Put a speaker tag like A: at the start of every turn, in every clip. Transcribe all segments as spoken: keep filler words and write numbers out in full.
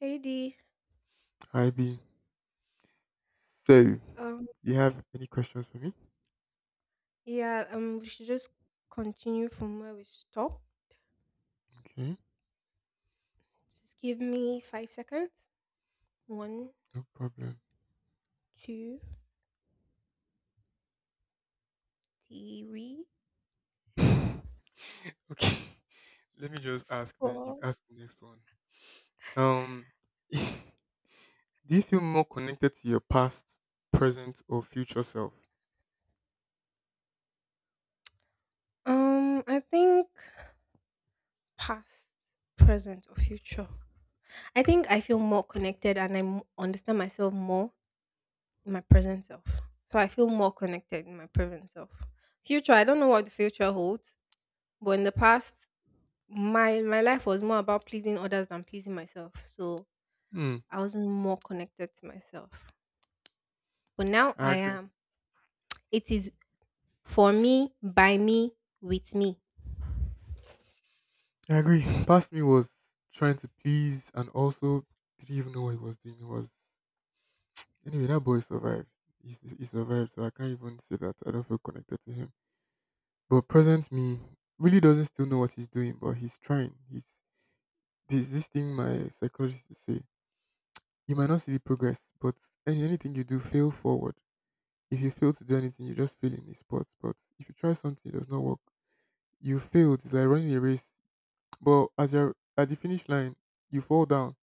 A: Hey Dee.
B: Hi B. So, do
A: Um,
B: you have any questions for me?
A: yeah, um, we should just continue from where we stopped.
B: Okay,
A: Just give me five seconds. One,
B: no problem.
A: two, three,
B: Okay, let me just ask. Then you
A: four.
B: ask the next one. Um, do you feel more connected to your past, present, or future self?
A: Um, I think past, present, or future. I think I feel more connected and I m- understand myself more in my present self. So I feel more connected in my present self. Future, I don't know what the future holds, but in the past, my my life was more about pleasing others than pleasing myself. So
B: Hmm.
A: I wasn't more connected to myself. But now
B: I
A: I
B: agree.
A: am. It is for me, by me, with me.
B: I agree. Past me was trying to please and also didn't even know what he was doing. It was anyway that boy survived. He, s- he survived, so I can't even say that I don't feel connected to him. But present me really doesn't still know what he's doing, but he's trying. He's There's this thing my psychologist to say. You might not see the progress, but any, anything you do, fail forward. If you fail to do anything, you just fail in the sport. But if you try something, it does not work. You failed. It's like running a race. But as you're at the finish line, you fall down,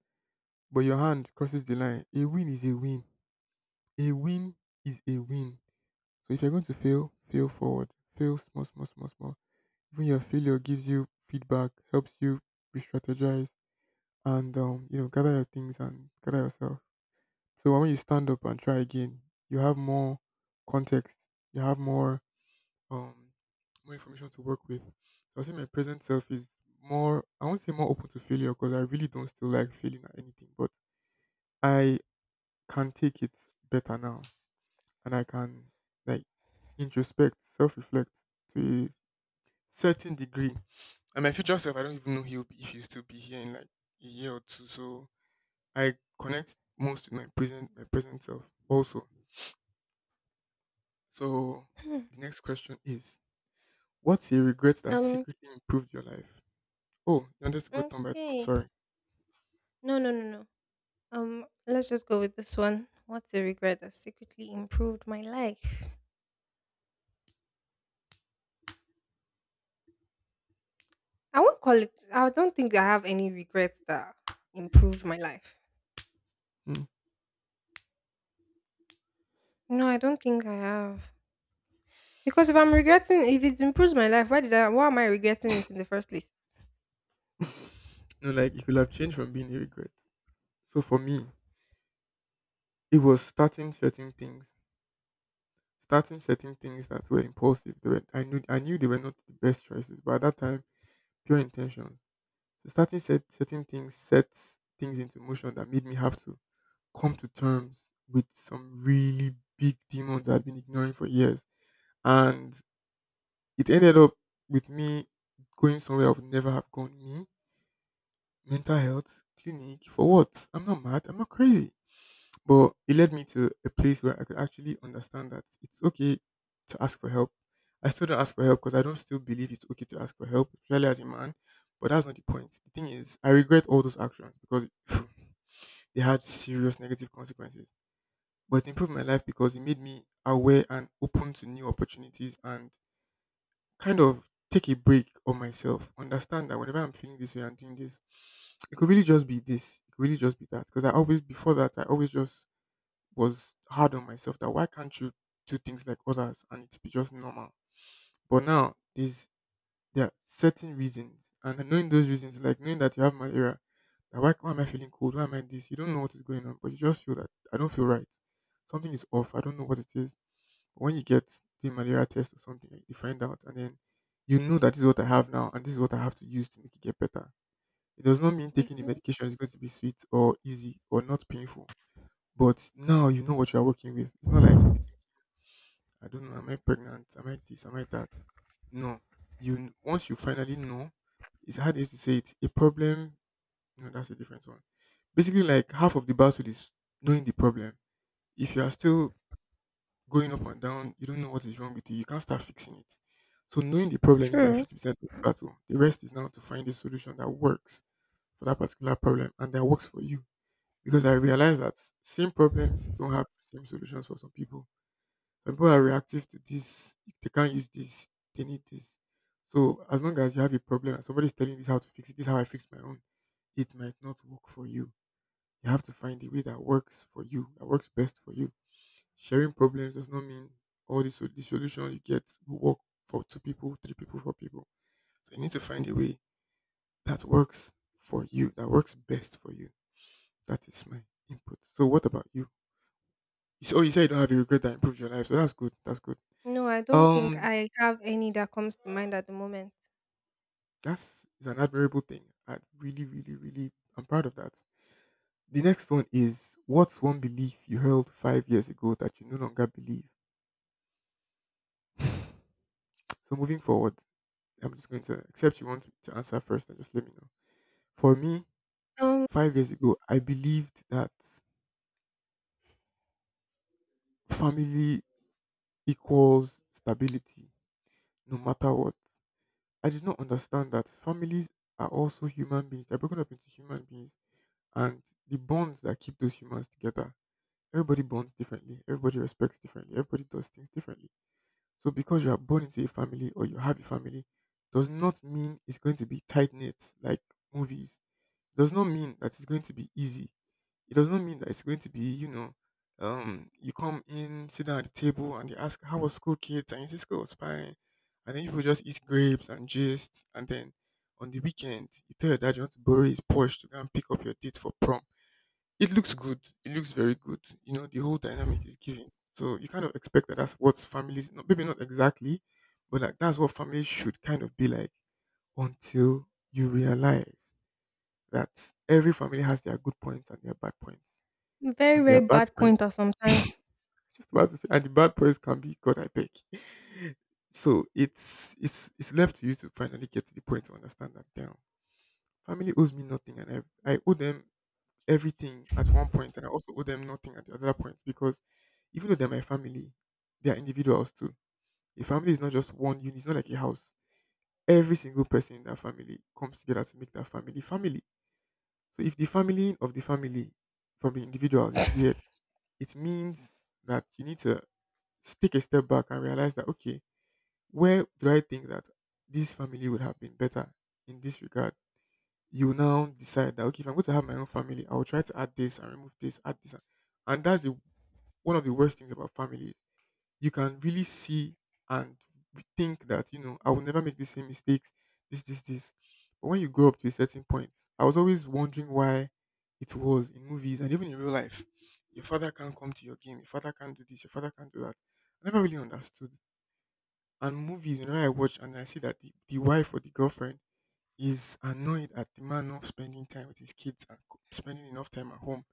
B: but your hand crosses the line. A win is a win. A win is a win. So if you're going to fail, fail forward. Fail small, small, small, small. Even your failure gives you feedback, helps you re-strategize, and um, you know gather your things and gather yourself. So when you stand up and try again, you have more context, you have more um more information to work with. So I think my present self is more, I won't say more open to failure because I really don't still like failing at anything, but I can take it better now, and I can, like, introspect, self reflect to a certain degree. And my future self, I don't even know he'll be, if he'll still be here in like a year or two. So I connect most with my present my present self also. So
A: Hmm.
B: the next question is, what's a regret that
A: Um,
B: secretly improved your life? Oh, you wanted to go turn by turn,
A: okay.
B: sorry.
A: No, no, no, no. Um, let's just go with this one. What's a regret that secretly improved my life? I won't call it I don't think I have any regrets that improved my life.
B: Hmm.
A: No, I don't think I have. Because if I'm regretting if it improves my life, why did I why am I regretting it in the first place?
B: No, like it could have changed from being a regret. So for me, it was starting certain things. Starting certain things that were impulsive. They were, I knew I knew they were not the best choices, but at that time, pure intentions. So starting set, certain things sets things into motion that made me have to come to terms with some really big demons that I've been ignoring for years. And it ended up with me going somewhere I would never have gone. Me, mental health, clinic, for what? I'm not mad. I'm not crazy. But it led me to a place where I could actually understand that it's okay to ask for help. I still don't ask for help because I don't still believe it's okay to ask for help, especially as a man. But that's not the point. The thing is, I regret all those actions because they had serious negative consequences. But it improved my life because it made me aware and open to new opportunities and kind of take a break on myself. Understand that whenever I'm feeling this way and doing this, it could really just be this. It could really just be that. Because I always, before that, I always just was hard on myself that, why can't you do things like others and it be just normal? But now there's there are certain reasons, and knowing those reasons, like knowing that you have malaria, that, why, why am I feeling cold? Why am I this? You don't know what is going on, but you just feel that I don't feel right. Something is off. I don't know what it is. But when you get the malaria test or something, like, you find out and then you know that this is what I have now and this is what I have to use to make it get better. It does not mean taking the
A: Hmm.
B: medication is going to be sweet or easy or not painful. But now you know what you are working with. It's not like you, I don't know, am I pregnant? Am I this? Am I that? No. You kn- once you finally know, it's hard is to say it. A problem, no, that's a different one. Basically, like half of the battle is knowing the problem. If you are still going up and down, you don't know what is wrong with you. You can't start fixing it. So knowing the problem is like
A: True.
B: fifty percent of the battle. The rest is now to find a solution that works for that particular problem and that works for you. Because I realize that same problems don't have the same solutions for some people. Some people are reactive to this. If they can't use this, they need this. So as long as you have a problem and somebody's telling this how to fix it, this is how I fix my own. It might not work for you. You have to find a way that works for you, that works best for you. Sharing problems does not mean all the, sol- the solution you get will work for two people, three people, four people. So you need to find a way that works for you, that works best for you. That is my input. So what about you? You s- Oh, you said you don't have a regret that improved your life, so that's good. That's good.
A: No, I don't think
B: Um,
A: I have any that comes to mind at the moment.
B: That's is an admirable thing. I really, really, really, I'm proud of that. The next one is, what's one belief you held five years ago that you no longer believe? So moving forward, I'm just going to accept you want to answer first and just let me know. For me,
A: Um,
B: five years ago, I believed that family equals stability, no matter what. I did not understand that families are also human beings. They're broken up into human beings, and the bonds that keep those humans together. Everybody bonds differently. Everybody respects differently. Everybody does things differently. So because you are born into a family or you have a family, does not mean it's going to be tight knit like movies. It does not mean that it's going to be easy. It does not mean that it's going to be, you know, um, you come in, sit down at the table, and they ask how was school, kids, and you say school was fine, and then people just eat grapes and gist, and then on the weekend you tell your dad you want to borrow his Porsche to go and pick up your date for prom. It looks good. It looks very good. You know, the whole dynamic is given. So you kind of expect that that's what families, not maybe not exactly, but like that's what families should kind of be like, until you realize that every family has their good points and their bad points.
A: very,
B: And their
A: very
B: bad
A: bad pointer
B: points,
A: sometimes.
B: just about to say, and the bad points can be, God I beg. So it's it's it's left to you to finally get to the point to understand that damn, family owes me nothing and I I owe them everything at one point, and I also owe them nothing at the other point because even though they're my family, they are individuals too. A family is not just one unit; it's not like a house. Every single person in that family comes together to make that family family. So if the family of the family from the individuals is weird, it means that you need to s- take a step back and realize that, okay, where do I think that this family would have been better in this regard? You now decide that, okay, if I'm going to have my own family, I will try to add this and remove this, add this, and, and that's the, one of the worst things about families. You can really see and think that, you know, I will never make the same mistakes. This, this, this. But when you grow up to a certain point, I was always wondering why, it was in movies and even in real life, your father can't come to your game, your father can't do this, your father can't do that. I never really understood. And movies, you know, I watch and I see that the, the wife or the girlfriend is annoyed at the man not spending time with his kids and co- spending enough time at home.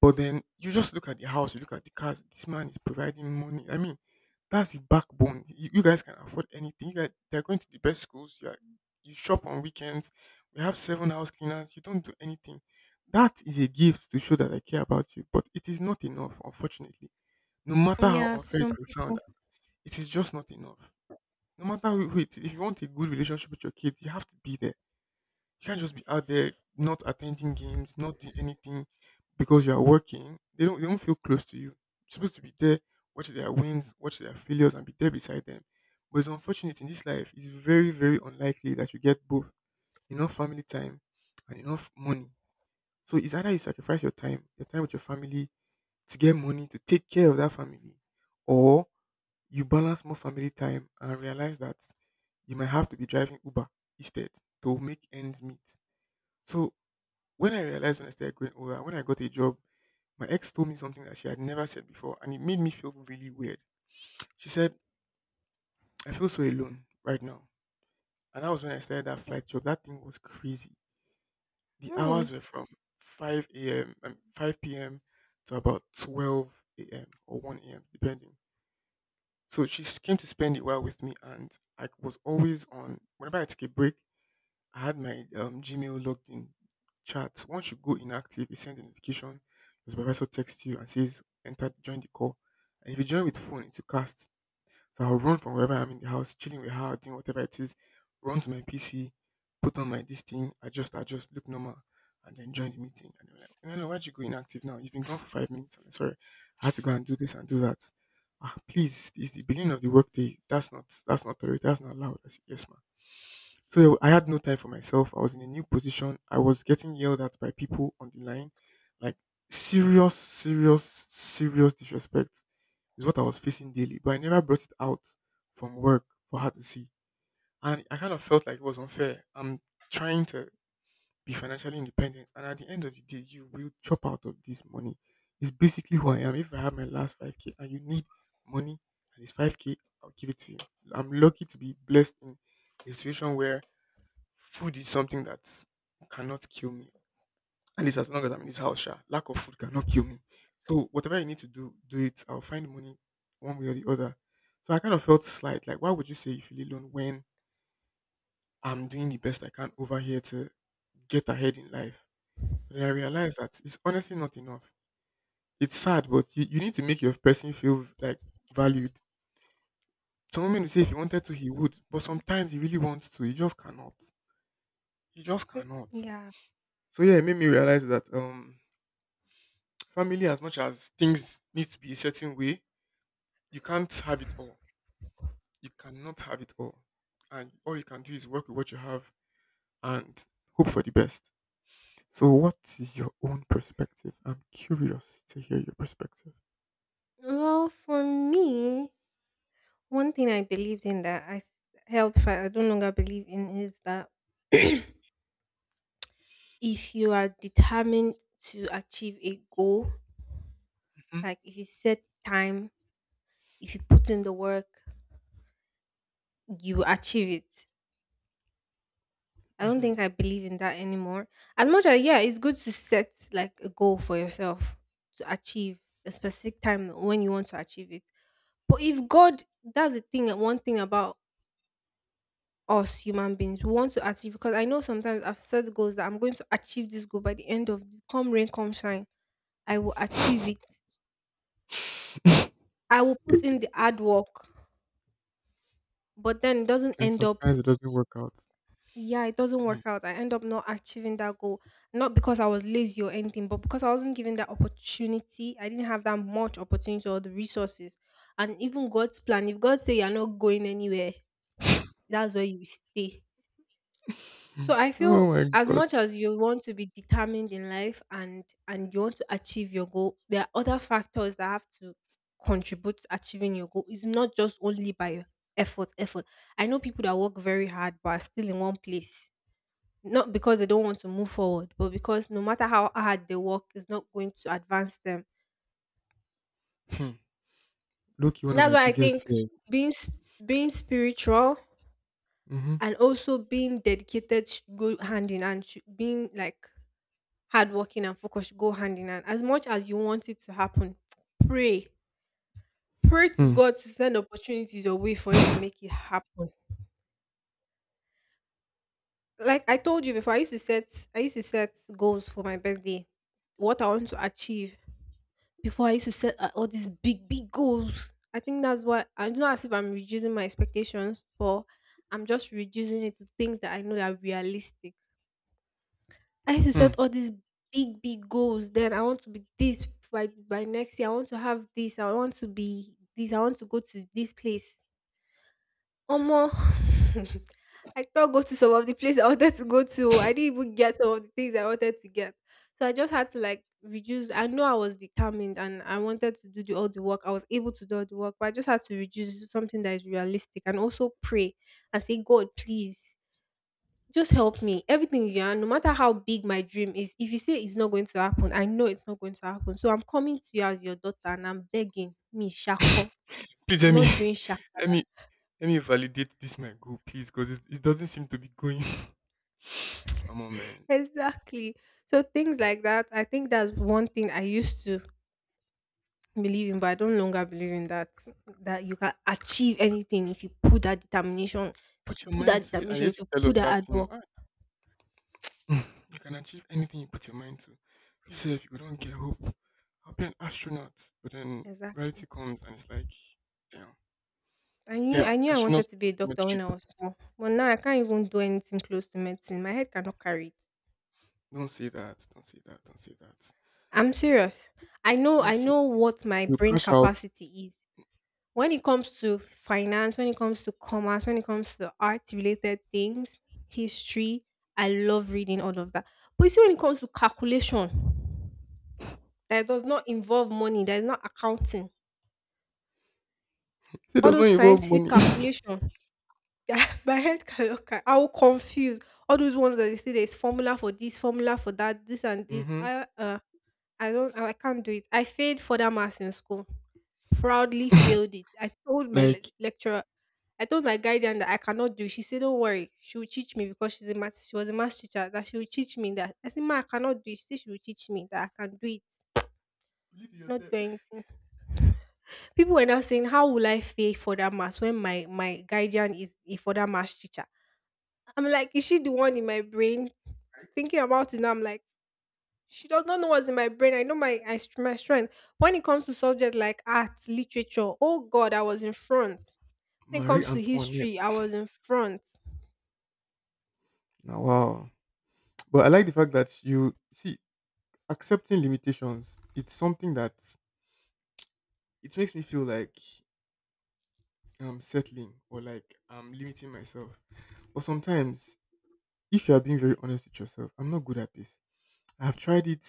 B: But then you just look at the house, you look at the cars. This man is providing money. I mean, that's the backbone. You, you guys can afford anything. You guys, they're going to the best schools. You, are, you shop on weekends. We have seven house cleaners. You don't do anything. That is a gift to show that I care about you. But it is not enough, unfortunately. No matter how
A: Yeah,
B: unfair it
A: some
B: may sound,
A: people.
B: it is just not enough. No matter who who it is, if you want a good relationship with your kids, you have to be there. You can't just be out there not attending games, not doing anything because you are working. They don't they don't feel close to you. You're supposed to be there, watch their wins, watch their failures, and be there beside them. But it's unfortunate, in this life, it's very, very unlikely that you get both enough family time and enough money. So it's either you sacrifice your time, your time with your family, to get money to take care of that family, or you balance more family time and realize that you might have to be driving Uber instead to make ends meet. So when I realized, when I started growing older, when I got a job, my ex told me something that she had never said before, and it made me feel really weird. She said, I feel so alone right now. And that was when I started that flight job. That thing was crazy. The hours
A: Mm,
B: were from five a m, um, five p m to about twelve a m or one a m, depending. So she s- came to spend a while with me, and I was always on. Whenever I took a break, I had my um, Gmail logged in chat. Once you go inactive, it sends a notification. Your supervisor texts you and says, enter, join the call. And if you join with phone, it's a cast. So I'll run from wherever I'm in the house, chilling with her, doing whatever it is, run to my P C, put on my this thing, adjust, adjust, look normal, and then join the meeting. And they're like, no, no, why'd you go inactive now? You've been gone for five minutes. I'm like, sorry, I had to go and do this and do that. Ah, please, it's the beginning of the workday. That's not, that's not tolerated. That's not allowed. I said, yes, ma'am. So I had no time for myself. I was in a new position. I was getting yelled at by people on the line. Like serious, serious, serious disrespect is what I was facing daily. But I never brought it out from work for her to see. And I kind of felt like it was unfair. I'm trying to be financially independent. And at the end of the day, you will chop out of this money. It's basically who I am. If I have my last five k and you need money and it's five k, I'll give it to you. I'm lucky to be blessed in a situation where food is something that cannot kill me. At least as long as I'm in this house, sha, lack of food cannot kill me. So whatever I need to do, do it. I'll find money one way or the other. So I kind of felt slight. Like, why would you say you feel alone when I'm doing the best I can over here to get ahead in life? But then I realized that it's honestly not enough. It's sad, but you, you need to make your person feel like valued. Some women will say if he wanted to, he would. But sometimes he really wants to. He just cannot. He just cannot.
A: yeah.
B: So yeah, it made me realize that um family, as much as things need to be a certain way, you can't have it all. You cannot have it all. And all you can do is work with what you have and hope for the best. So, what is your own perspective? I'm curious to hear your perspective.
A: Well, for me, one thing I believed in that I s- held fast, I don't longer believe in is that if you are determined to achieve a goal, like if you set time, if you put in the work, you achieve it. I don't
B: Mm-hmm.
A: think I believe in that anymore. As much as yeah, it's good to set like a goal for yourself to achieve a specific time when you want to achieve it. But if God, that's the thing. One thing about us human beings, we want to achieve because I know sometimes I've set goals that I'm going to achieve this goal by the end of this. Come rain, come shine, I will achieve it. I will put in the hard work, but then it doesn't
B: And
A: end up
B: sometimes it doesn't work out.
A: yeah, it doesn't
B: Mhm.
A: work out. I end up not achieving that goal, not because I was lazy or anything, but because I wasn't given that opportunity. I didn't have that much opportunity or the resources. And even God's plan, if God say you're not going anywhere, that's where you stay.
B: Hmm.
A: So I
B: Oh
A: feel
B: my
A: as
B: god.
A: much as you want to be determined in life and and you want to achieve your goal, there are other factors that have to contribute to achieving your goal. It's not just only by your effort, effort. I know people that work very hard but are still in one place not because they don't want to move forward, but because no matter how hard they work, it's not going to advance them.
B: Hmm. Loki, one of
A: That's
B: my
A: why I
B: biggest
A: think
B: fears.
A: being s- being spiritual
B: Mm-hmm.
A: and also being dedicated should go hand in hand. Should, being like hardworking and focused should go hand in hand. As much as you want it to happen, pray, pray to
B: Hmm.
A: God to send opportunities your way for it to make it happen. Like I told you before, I used to set I used to set goals for my birthday, what I want to achieve. Before I used to set uh, all these big, big goals. I think that's why it's not as if I'm reducing my expectations, but I'm just reducing it to things that I know that are realistic. I used to
B: Hmm.
A: set all these big, big goals. Then I want to be this by by next year. I want to have this. I want to be this. I want to go to this place. Omo, I could not go to some of the places I wanted to go to. I didn't even get some of the things I wanted to get. So I just had to like reduce. I know I was determined and I wanted to do the, all the work. I was able to do all the work, but I just had to reduce to something that is realistic and also pray and say, God, please just help me. Everything is your hand, no matter how big my dream is. If you say it's not going to happen, I know it's not going to happen. So I'm coming to you as your daughter and I'm begging me, Shako.
B: Please
A: I'm
B: let me
A: not doing Shako.
B: let me let me validate this my goal, please, because it, it doesn't seem to be going. Come on, man.
A: Exactly. So things like that, I think that's one thing I used to believe in, but I don't longer believe in that that you can achieve anything if you put that determination, you
B: Put your
A: put
B: mind
A: that
B: to it. And you
A: determination,
B: used
A: if
B: to
A: you
B: tell
A: put
B: us
A: that
B: that,
A: hard
B: you know,
A: work.
B: ah, you can achieve anything you put your mind to. You say if you don't get hope, I'll be an astronaut. But then reality
A: Exactly.
B: comes and it's like, damn.
A: I knew I
B: Damn,
A: knew I
B: astronauts
A: wanted to be a
B: are not
A: doctor when
B: cheap.
A: I was small, but now I can't even do anything close to medicine. My head cannot carry it.
B: Don't say that. Don't say that. Don't say that.
A: I'm serious. I know
B: Don't
A: I
B: say
A: know what my
B: you
A: brain
B: crash out.
A: capacity is. When it comes to finance, when it comes to commerce, when it comes to art related things, history, I love reading all of that. But you see, when it comes to calculation, that does not involve money, that is not accounting.
B: Say
A: All
B: there's no
A: those
B: involve
A: scientific
B: money.
A: calculation, yeah, my head cannot carry. I will confuse all those ones that they say there is formula for this, formula for that, this and this.
B: Hmm.
A: I, uh, I don't I can't do it. I failed for that maths in school. Proudly failed it. I told my le-
B: Like
A: lecturer, I told my guardian that I cannot do. She said, "Don't worry, she will teach me because she's a math she was a math teacher, that she will teach me that." I said, "Ma, I cannot do it." She said she will teach me that I can do it.
B: believe in
A: Not do
B: yourself.
A: anything. People were now saying, "How will I fail for that mass when my, my guardian is a for that math teacher?" I'm like, is she the one in my brain thinking about it now? I'm like, she does not know what's in my brain. I know my I, str- my strength. When it comes to subject like art, literature, oh God, I was in front. When it
B: Marie
A: comes to
B: Antoinette.
A: history, I was in front,
B: Now, wow. But I like the fact that you see accepting limitations. It's something that it makes me feel like I'm settling or like I'm limiting myself. But sometimes, if you are being very honest with yourself, I'm not good at this. I've tried it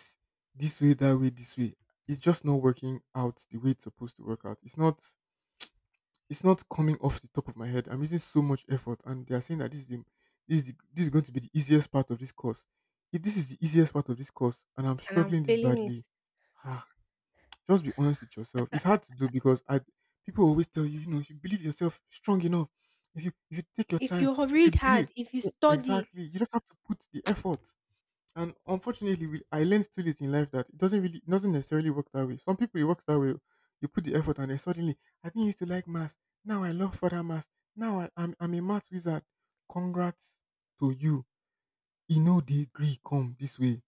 B: this way, that way, this way. It's just not working out the way it's supposed to work out. It's not. It's not coming off the top of my head. I'm using so much effort, and they are saying that this is the, this is the, this is going to be the easiest part of this course. If this is the easiest part of this course, and I'm
A: and I'm
B: struggling this
A: failing it.
B: badly, ah. Just be honest with yourself. It's hard to do because I, people always tell you, you know, if you believe yourself strong enough, if you if you take your
A: If
B: time,
A: you h-
B: if you
A: read
B: believe,
A: hard, if you
B: e-
A: study,
B: exactly, you just have to put the effort. And unfortunately, we, I learned too late in life that it doesn't really it doesn't necessarily work that way. Some people it works that way. You put the effort and then suddenly, I didn't used to like maths. Now I love further maths. Now I, I'm I'm a maths wizard. Congrats to you. You know the degree come this way.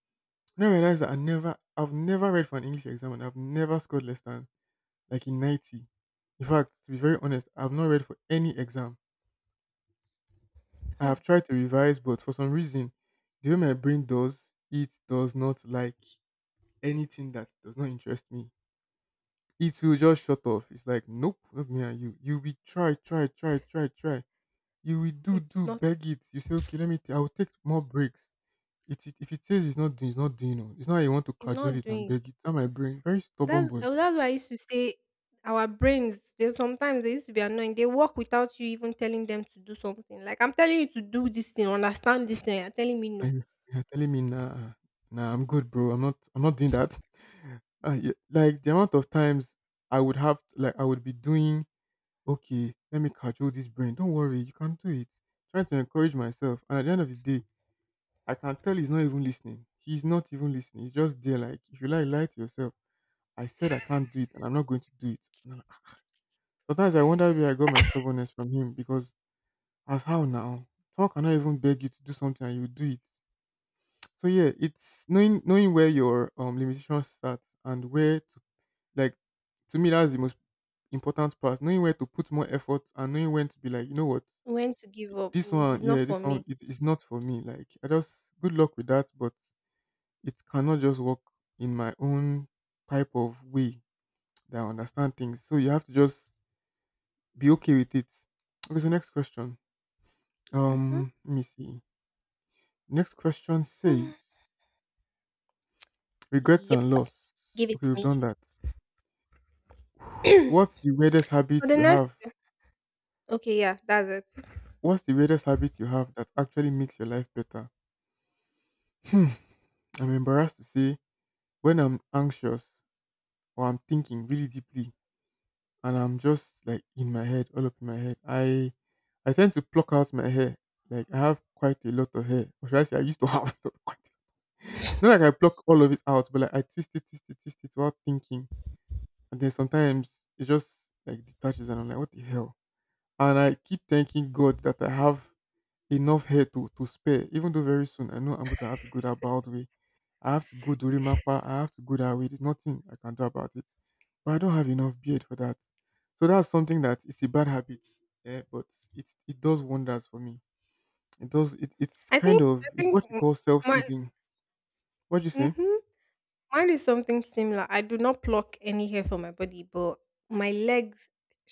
B: And I realized that I never I've never read for an English exam and I've never scored less than like in ninety. In fact, to be very honest, I've not read for any exam. I
A: hmm,
B: have tried to revise, but for some reason, the way my brain does, it does not like anything that does not interest me. It will just shut off. It's like, nope, not me and you. You will try, try, try, try, try. You will do,
A: it's
B: do,
A: not
B: beg it. You say,
A: it's
B: okay, let me, t- I will take more breaks. It, it, if it says it's not doing, it's not doing. Oh. It's not like you want to cajole
A: not
B: it and
A: doing.
B: beg it. That my brain, very stubborn
A: That's
B: boy.
A: uh, that's why I used to say our brains. They sometimes they used to be annoying. They work without you even telling them to do something. Like I'm telling you to do this thing, understand this thing. You're telling me no.
B: And you you're telling me nah, nah, I'm good, bro. I'm not, I'm not doing that. Uh, yeah, like the amount of times I would have, like, I would be doing, okay, let me cajole this brain. Don't worry, you can do it. Trying to encourage myself, and at the end of the day, I can tell he's not even listening. He's not even listening. He's just there, like, if you like, lie to yourself. I said I can't do it, and I'm not going to do it. And I'm like, sometimes I wonder where I got my stubbornness from him because as how now, someone cannot even beg you to do something and you do it. So yeah, it's knowing knowing where your um limitations start and where to, like, to me that's the most important part. Knowing where to put more effort and knowing when to be like, you know what,
A: When to give up?
B: this
A: Mm,
B: one,
A: it's not
B: yeah,
A: for
B: this one
A: me.
B: is, is not for me. Like I just, good luck with that, but it cannot just work in my own type of way that I understand things. So you have to just be okay with it. Okay, so next question.
A: Hmm.
B: Um, let me see. Next question says regrets
A: Yep,
B: and loss.
A: give it
B: Okay,
A: to
B: we've
A: me.
B: done that. What's the weirdest
A: For
B: habit
A: the
B: you
A: next
B: have?
A: okay, yeah, that's it.
B: What's the weirdest habit you have that actually makes your life better? Hmm. I'm embarrassed to say when I'm anxious or I'm thinking really deeply and I'm just like in my head, all up in my head. I I tend to pluck out my hair. Like I have quite a lot of hair. Or should I say I used to have a lot quite, not like I pluck all of it out, but like I twist it, twist it, twist it without thinking. And then sometimes it just like detaches and I'm like, what the hell? And I keep thanking God that I have enough hair to to spare. Even though very soon I know I'm going to have to go that bald way. I have to go Dorimapa. I have to go that way. There's nothing I can do about it. But I don't have enough beard for that. So that's something that is a bad habit. Eh, but it it does wonders for me. It does. It, it's
A: I think
B: kind of,
A: I
B: it's
A: think
B: what you
A: m-
B: call self
A: my
B: soothing. What you say?
A: mhm, mine is something similar. I do not pluck any hair from my body, but my legs.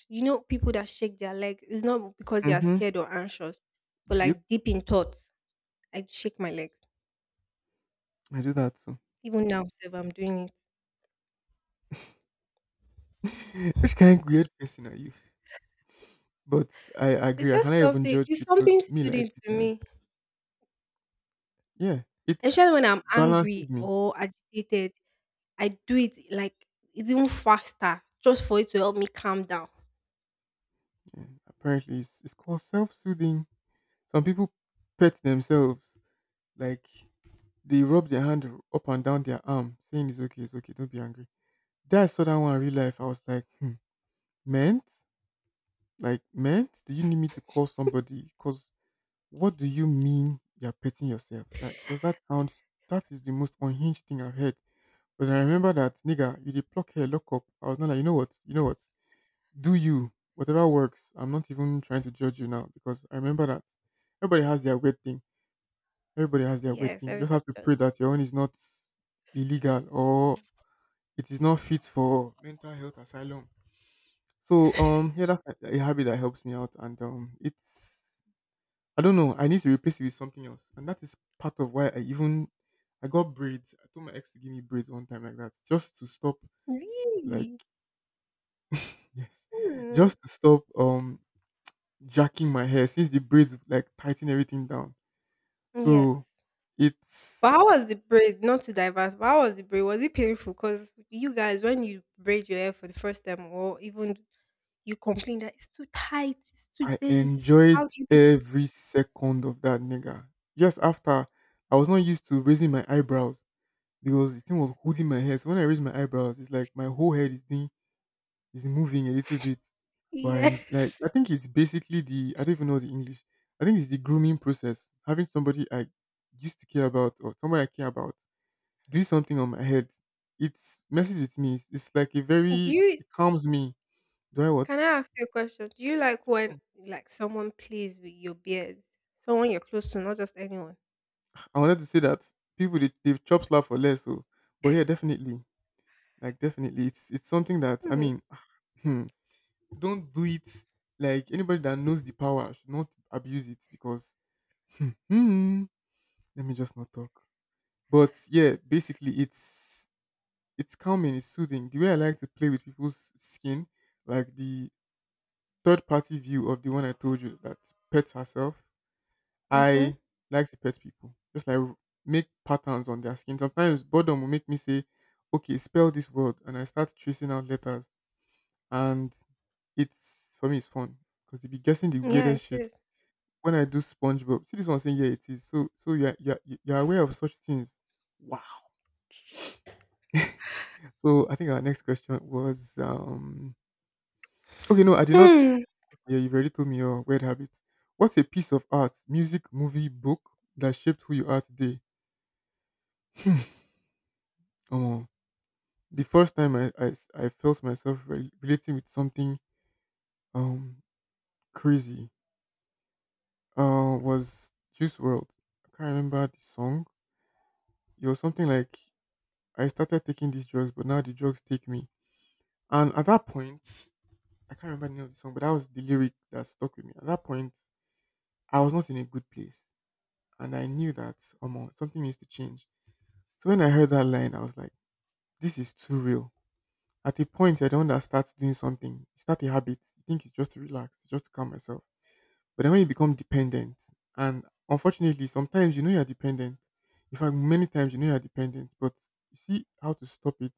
A: You know, people that shake their legs it's not because they are
B: Mm-hmm.
A: scared or anxious, but
B: Yep.
A: like deep in thoughts, I shake my legs.
B: I do that too.
A: Even now, if I'm doing it,
B: Which kind of weird person are you? But I
A: it's
B: agree. I cannot
A: just
B: even
A: something.
B: judge
A: It's
B: because
A: something
B: me like
A: soothing to
B: this.
A: me,
B: Yeah,
A: especially
B: it's
A: when I'm
B: balances
A: angry
B: me.
A: or agitated. I do it like it's even faster just for it to help me calm down.
B: Yeah, apparently, it's, it's called self soothing. Some people pet themselves, like they rub their hand up and down their arm, saying it's okay, it's okay, don't be angry. Then I saw that one in real life. I was like, hmm, meant? Like, meant? Do you need me to call somebody? Because what do you mean you're petting yourself? Like, does that sound, that is the most unhinged thing I've heard. But I remember that, nigga, you did pluck hair, lock up. I was not like, you know what, you know what? Do you whatever works, I'm not even trying to judge you now because I remember that everybody has their weird thing. Everybody has their weird
A: Yes,
B: thing, you just
A: everybody
B: have to
A: does.
B: pray that your own is not illegal or it is not fit for mental health asylum. So um yeah, that's a, a habit that helps me out. And um it's, I don't know, I need to replace it with something else, and that is part of why I even, I got braids. I told my ex to give me braids one time like that just to stop, like,
A: Really?
B: yes,
A: Hmm.
B: just to stop um jacking my hair since the braids like tighten everything down. So
A: Yes.
B: it's,
A: But how was the braid? Not to diverse, but how was the braid? Was it painful? Because you guys, when you braid your hair for the first time, or even you complain that it's too tight, it's too
B: I
A: this. How
B: enjoyed
A: do you?
B: every second of that, nigga. Just after, I was not used to raising my eyebrows because the thing was holding my hair. So when I raise my eyebrows, it's like my whole head is doing, is moving a little bit. But I, en- like,
A: Yes.
B: I think it's basically the, I don't even know the English. I think it's the grooming process. Having somebody I used to care about or somebody I care about do something on my head, it messes with me. It's, it's like a
A: Do
B: very,
A: you
B: it calms me. Do I what?
A: Can I ask you a question? Do you like when
B: Sure.
A: like someone plays with your beard? Someone you're close to, not just anyone.
B: I wanted to say that people, they they've chop slap for less. So, but yeah, definitely, like definitely, it's it's something that I
A: Hmm.
B: mean, hmm, don't do it. Like anybody that knows the power should not abuse it because, hmm, let me just not talk. But yeah, basically, it's it's calming, it's soothing. The way I like to play with people's skin, like the third party view of the one I told you that pets herself.
A: Mm-hmm.
B: I like to pet people. Just like make patterns on their skin. Sometimes boredom will make me say, okay, spell this word. And I start tracing out letters. And it's, for me, it's fun. Because you be guessing the
A: Yeah,
B: weirdest
A: it
B: shit.
A: is.
B: When I do SpongeBob, see this one saying, yeah, it is. So, so you're, you're, you're aware of such things. Wow. So I think our next question was, um, okay, no, I did not.
A: Hmm.
B: Yeah, you've already told me your weird habits. What's a piece of art, music, movie, book that shaped who you are today? Oh, the first time I I I felt myself re- relating with something, um crazy, uh, was Juice World. I can't remember the song. It was something like, I started taking these drugs, but now the drugs take me. And at that point, I can't remember the name of the song, but that was the lyric that stuck with me. At that point, I was not in a good place. And I knew that um, something needs to change. So when I heard that line, I was like, this is too real. At a point, you're the one that starts doing something. You start a habit. You think it's just to relax, it's just to calm myself. But then when you become dependent, and unfortunately, sometimes you know you're dependent. In fact, many times you know you're dependent, but you see how to stop it,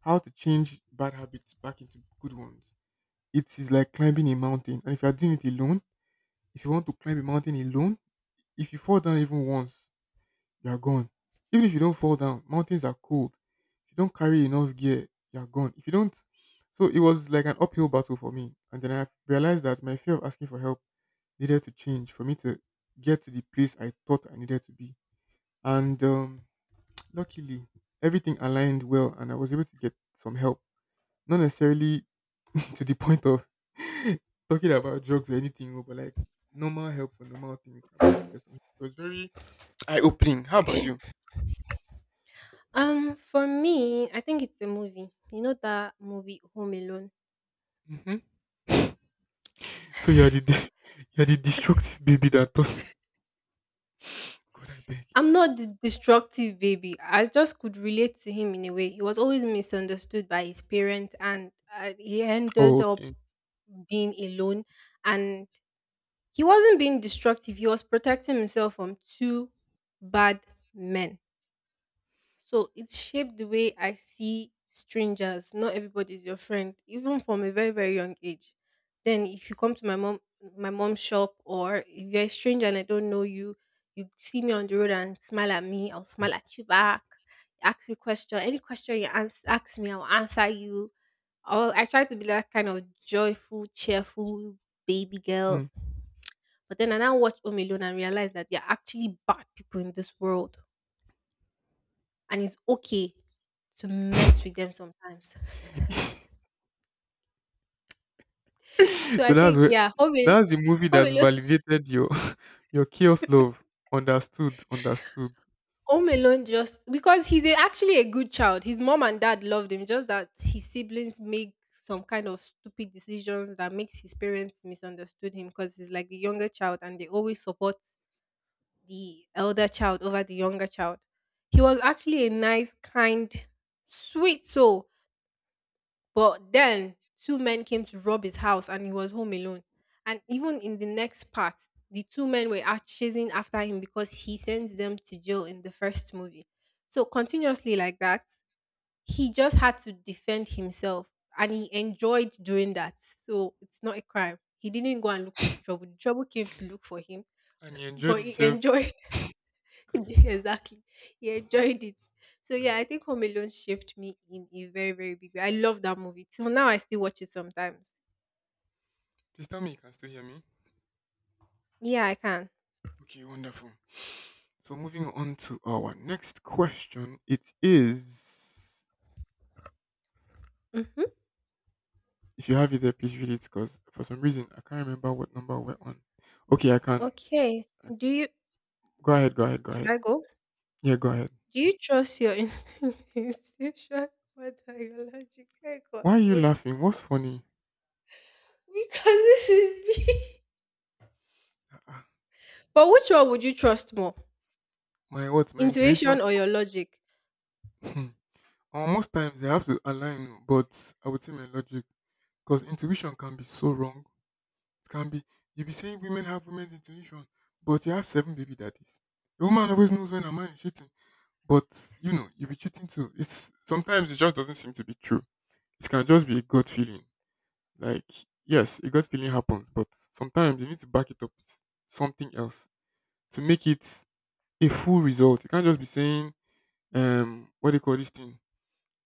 B: how to change bad habits back into good ones. It is like climbing a mountain. And if you're doing it alone, if you want to climb a mountain alone, if you fall down even once, you are gone. Even if you don't fall down, mountains are cold. If you don't carry enough gear, you are gone. If you don't, so it was like an uphill battle for me. And then I realized that my fear of asking for help needed to change for me to get to the place I thought I needed to be. And um, luckily, everything aligned well, and I was able to get some help. Not necessarily to the point of talking about drugs or anything, oh, but like normal help for normal things. I was able to get some. It was very eye opening. How about you?
A: Um, for me, I think it's a movie. You know that movie Home Alone.
B: Mhm. So you are the de- you are the destructive baby that does. God, I beg.
A: I'm not the destructive baby. I just could relate to him in a way. He was always misunderstood by his parents, and uh, he
B: Oh,
A: ended up
B: okay.
A: being alone. And he wasn't being destructive. He was protecting himself from two bad men. So it shaped the way I see strangers. Not everybody is your friend, even from a very, very young age. Then if you come to my mom my mom's shop or if you're a stranger and I don't know you, you see me on the road and smile at me, I'll smile at you back. Ask me question. Any question you ans- Ask me, I'll answer you. Or I try to be that kind of joyful, cheerful baby
B: Hmm.
A: girl. But then I now watch Home Alone and realize that there are actually bad people in this world and it's okay to mess with them sometimes. So
B: So
A: I
B: that's
A: think
B: where,
A: yeah, home alone,
B: that's the movie
A: home
B: that
A: alone,
B: validated your your chaos love. Understood, understood.
A: home alone just because he's a, actually a good child. His mom and dad loved him, just that his siblings make some kind of stupid decisions that makes his parents misunderstood him because he's like the younger child and they always support the elder child over the younger child. He was actually a nice, kind, sweet soul. But then two men came to rob his house and he was home alone. And even in the next part, the two men were out chasing after him because he sent them to jail in the first movie. So continuously like that, he just had to defend himself and he enjoyed doing that. So it's not a crime. He didn't go and look for the trouble. The trouble came to look for him,
B: And he enjoyed
A: but he
B: himself.
A: enjoyed
B: God, I beg.
A: exactly. He enjoyed it. So yeah, I think Home Alone shaped me in a very, very big way. I love that movie. Till now I still watch it sometimes.
B: Please tell me you can still hear me.
A: Yeah, I can.
B: Okay, wonderful. So moving on to our next question. It is,
A: Mm-hmm.
B: if you have it there, please read it because for some reason I can't remember what number we're on. Okay, I can.
A: Okay.
B: I-
A: Do you
B: go ahead, go ahead, go
A: Should
B: ahead.
A: I go?
B: Yeah, go ahead.
A: Do you trust your in- intuition? What are your logical
B: Why are you
A: control?
B: laughing? What's funny?
A: Because this is me.
B: Ah,
A: But which one would you trust more?
B: my what? My intuition.
A: Intuition or your logic?
B: Hmm. Uh, most times they have to align, but I would say my logic because intuition can be so wrong. It can be, you be saying women have women's intuition, but you have seven baby daddies. A woman always knows when a man is cheating. But you know, you'll be cheating too. It's, sometimes it just doesn't seem to be true. It can just be a gut feeling. Like, yes, a gut feeling happens, but sometimes you need to back it up with something else to make it a full result. You can't just be saying, um, what do you call this thing?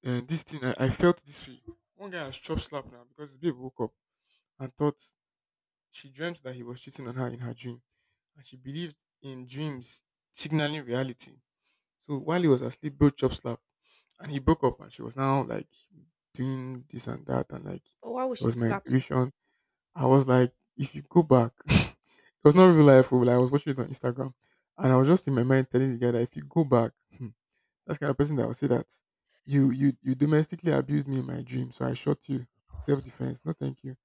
B: And this thing, I, I felt this way. One guy has chop slapped now because his babe woke up and thought, she dreamt that he was cheating on her in her dream, and she believed in dreams signaling reality. So while he was asleep, bro chop slap, and he broke up, and she was now like doing this and that, and like
A: Or why would
B: it
A: she
B: was my
A: slap him?
B: intuition. I was like, if you go back, it was not real life. Oh, like, I was watching it on Instagram, and I was just in my mind telling the guy that if you go back, hmm, that's the kind of person that will say that you you you domestically abused me in my dream, so I shot you. Self defense. No, thank you.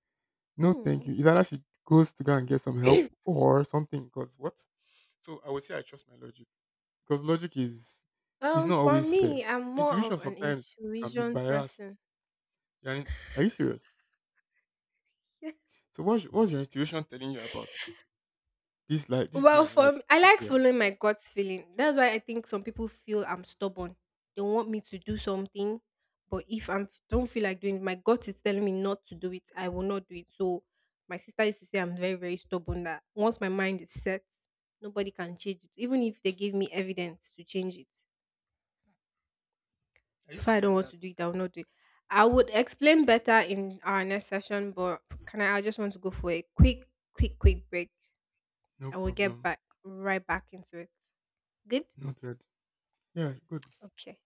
B: No, thank
A: Hmm.
B: you. Either that, she goes to go and get some help or something. Cause what? So I would say I trust my logic because logic is is
A: Um,
B: not
A: for
B: always fair.
A: me, I'm more
B: Intuition
A: of an
B: sometimes can be
A: intuition
B: biased.
A: person.
B: You're in- are you serious? So what's what's your intuition telling you about this life, this day
A: Well,
B: and
A: for
B: life
A: me, I
B: in
A: like
B: Nigeria?
A: following my gut feeling. That's why I think some people feel I'm stubborn. They want me to do something, but if I am don't feel like doing it, my gut is telling me not to do it, I will not do it. So my sister used to say I'm very, very stubborn that once my mind is set, nobody can change it. Even if they give me evidence to change it.
B: I
A: So
B: used
A: if
B: to
A: I
B: be
A: don't
B: like
A: want
B: that.
A: to do it, I will not do it. I would explain better in our next session, but can I, I just want to go for a quick, quick, quick break.
B: No
A: I will get
B: problem.
A: back right back into it. Good.
B: Noted. Yeah, good.
A: Okay.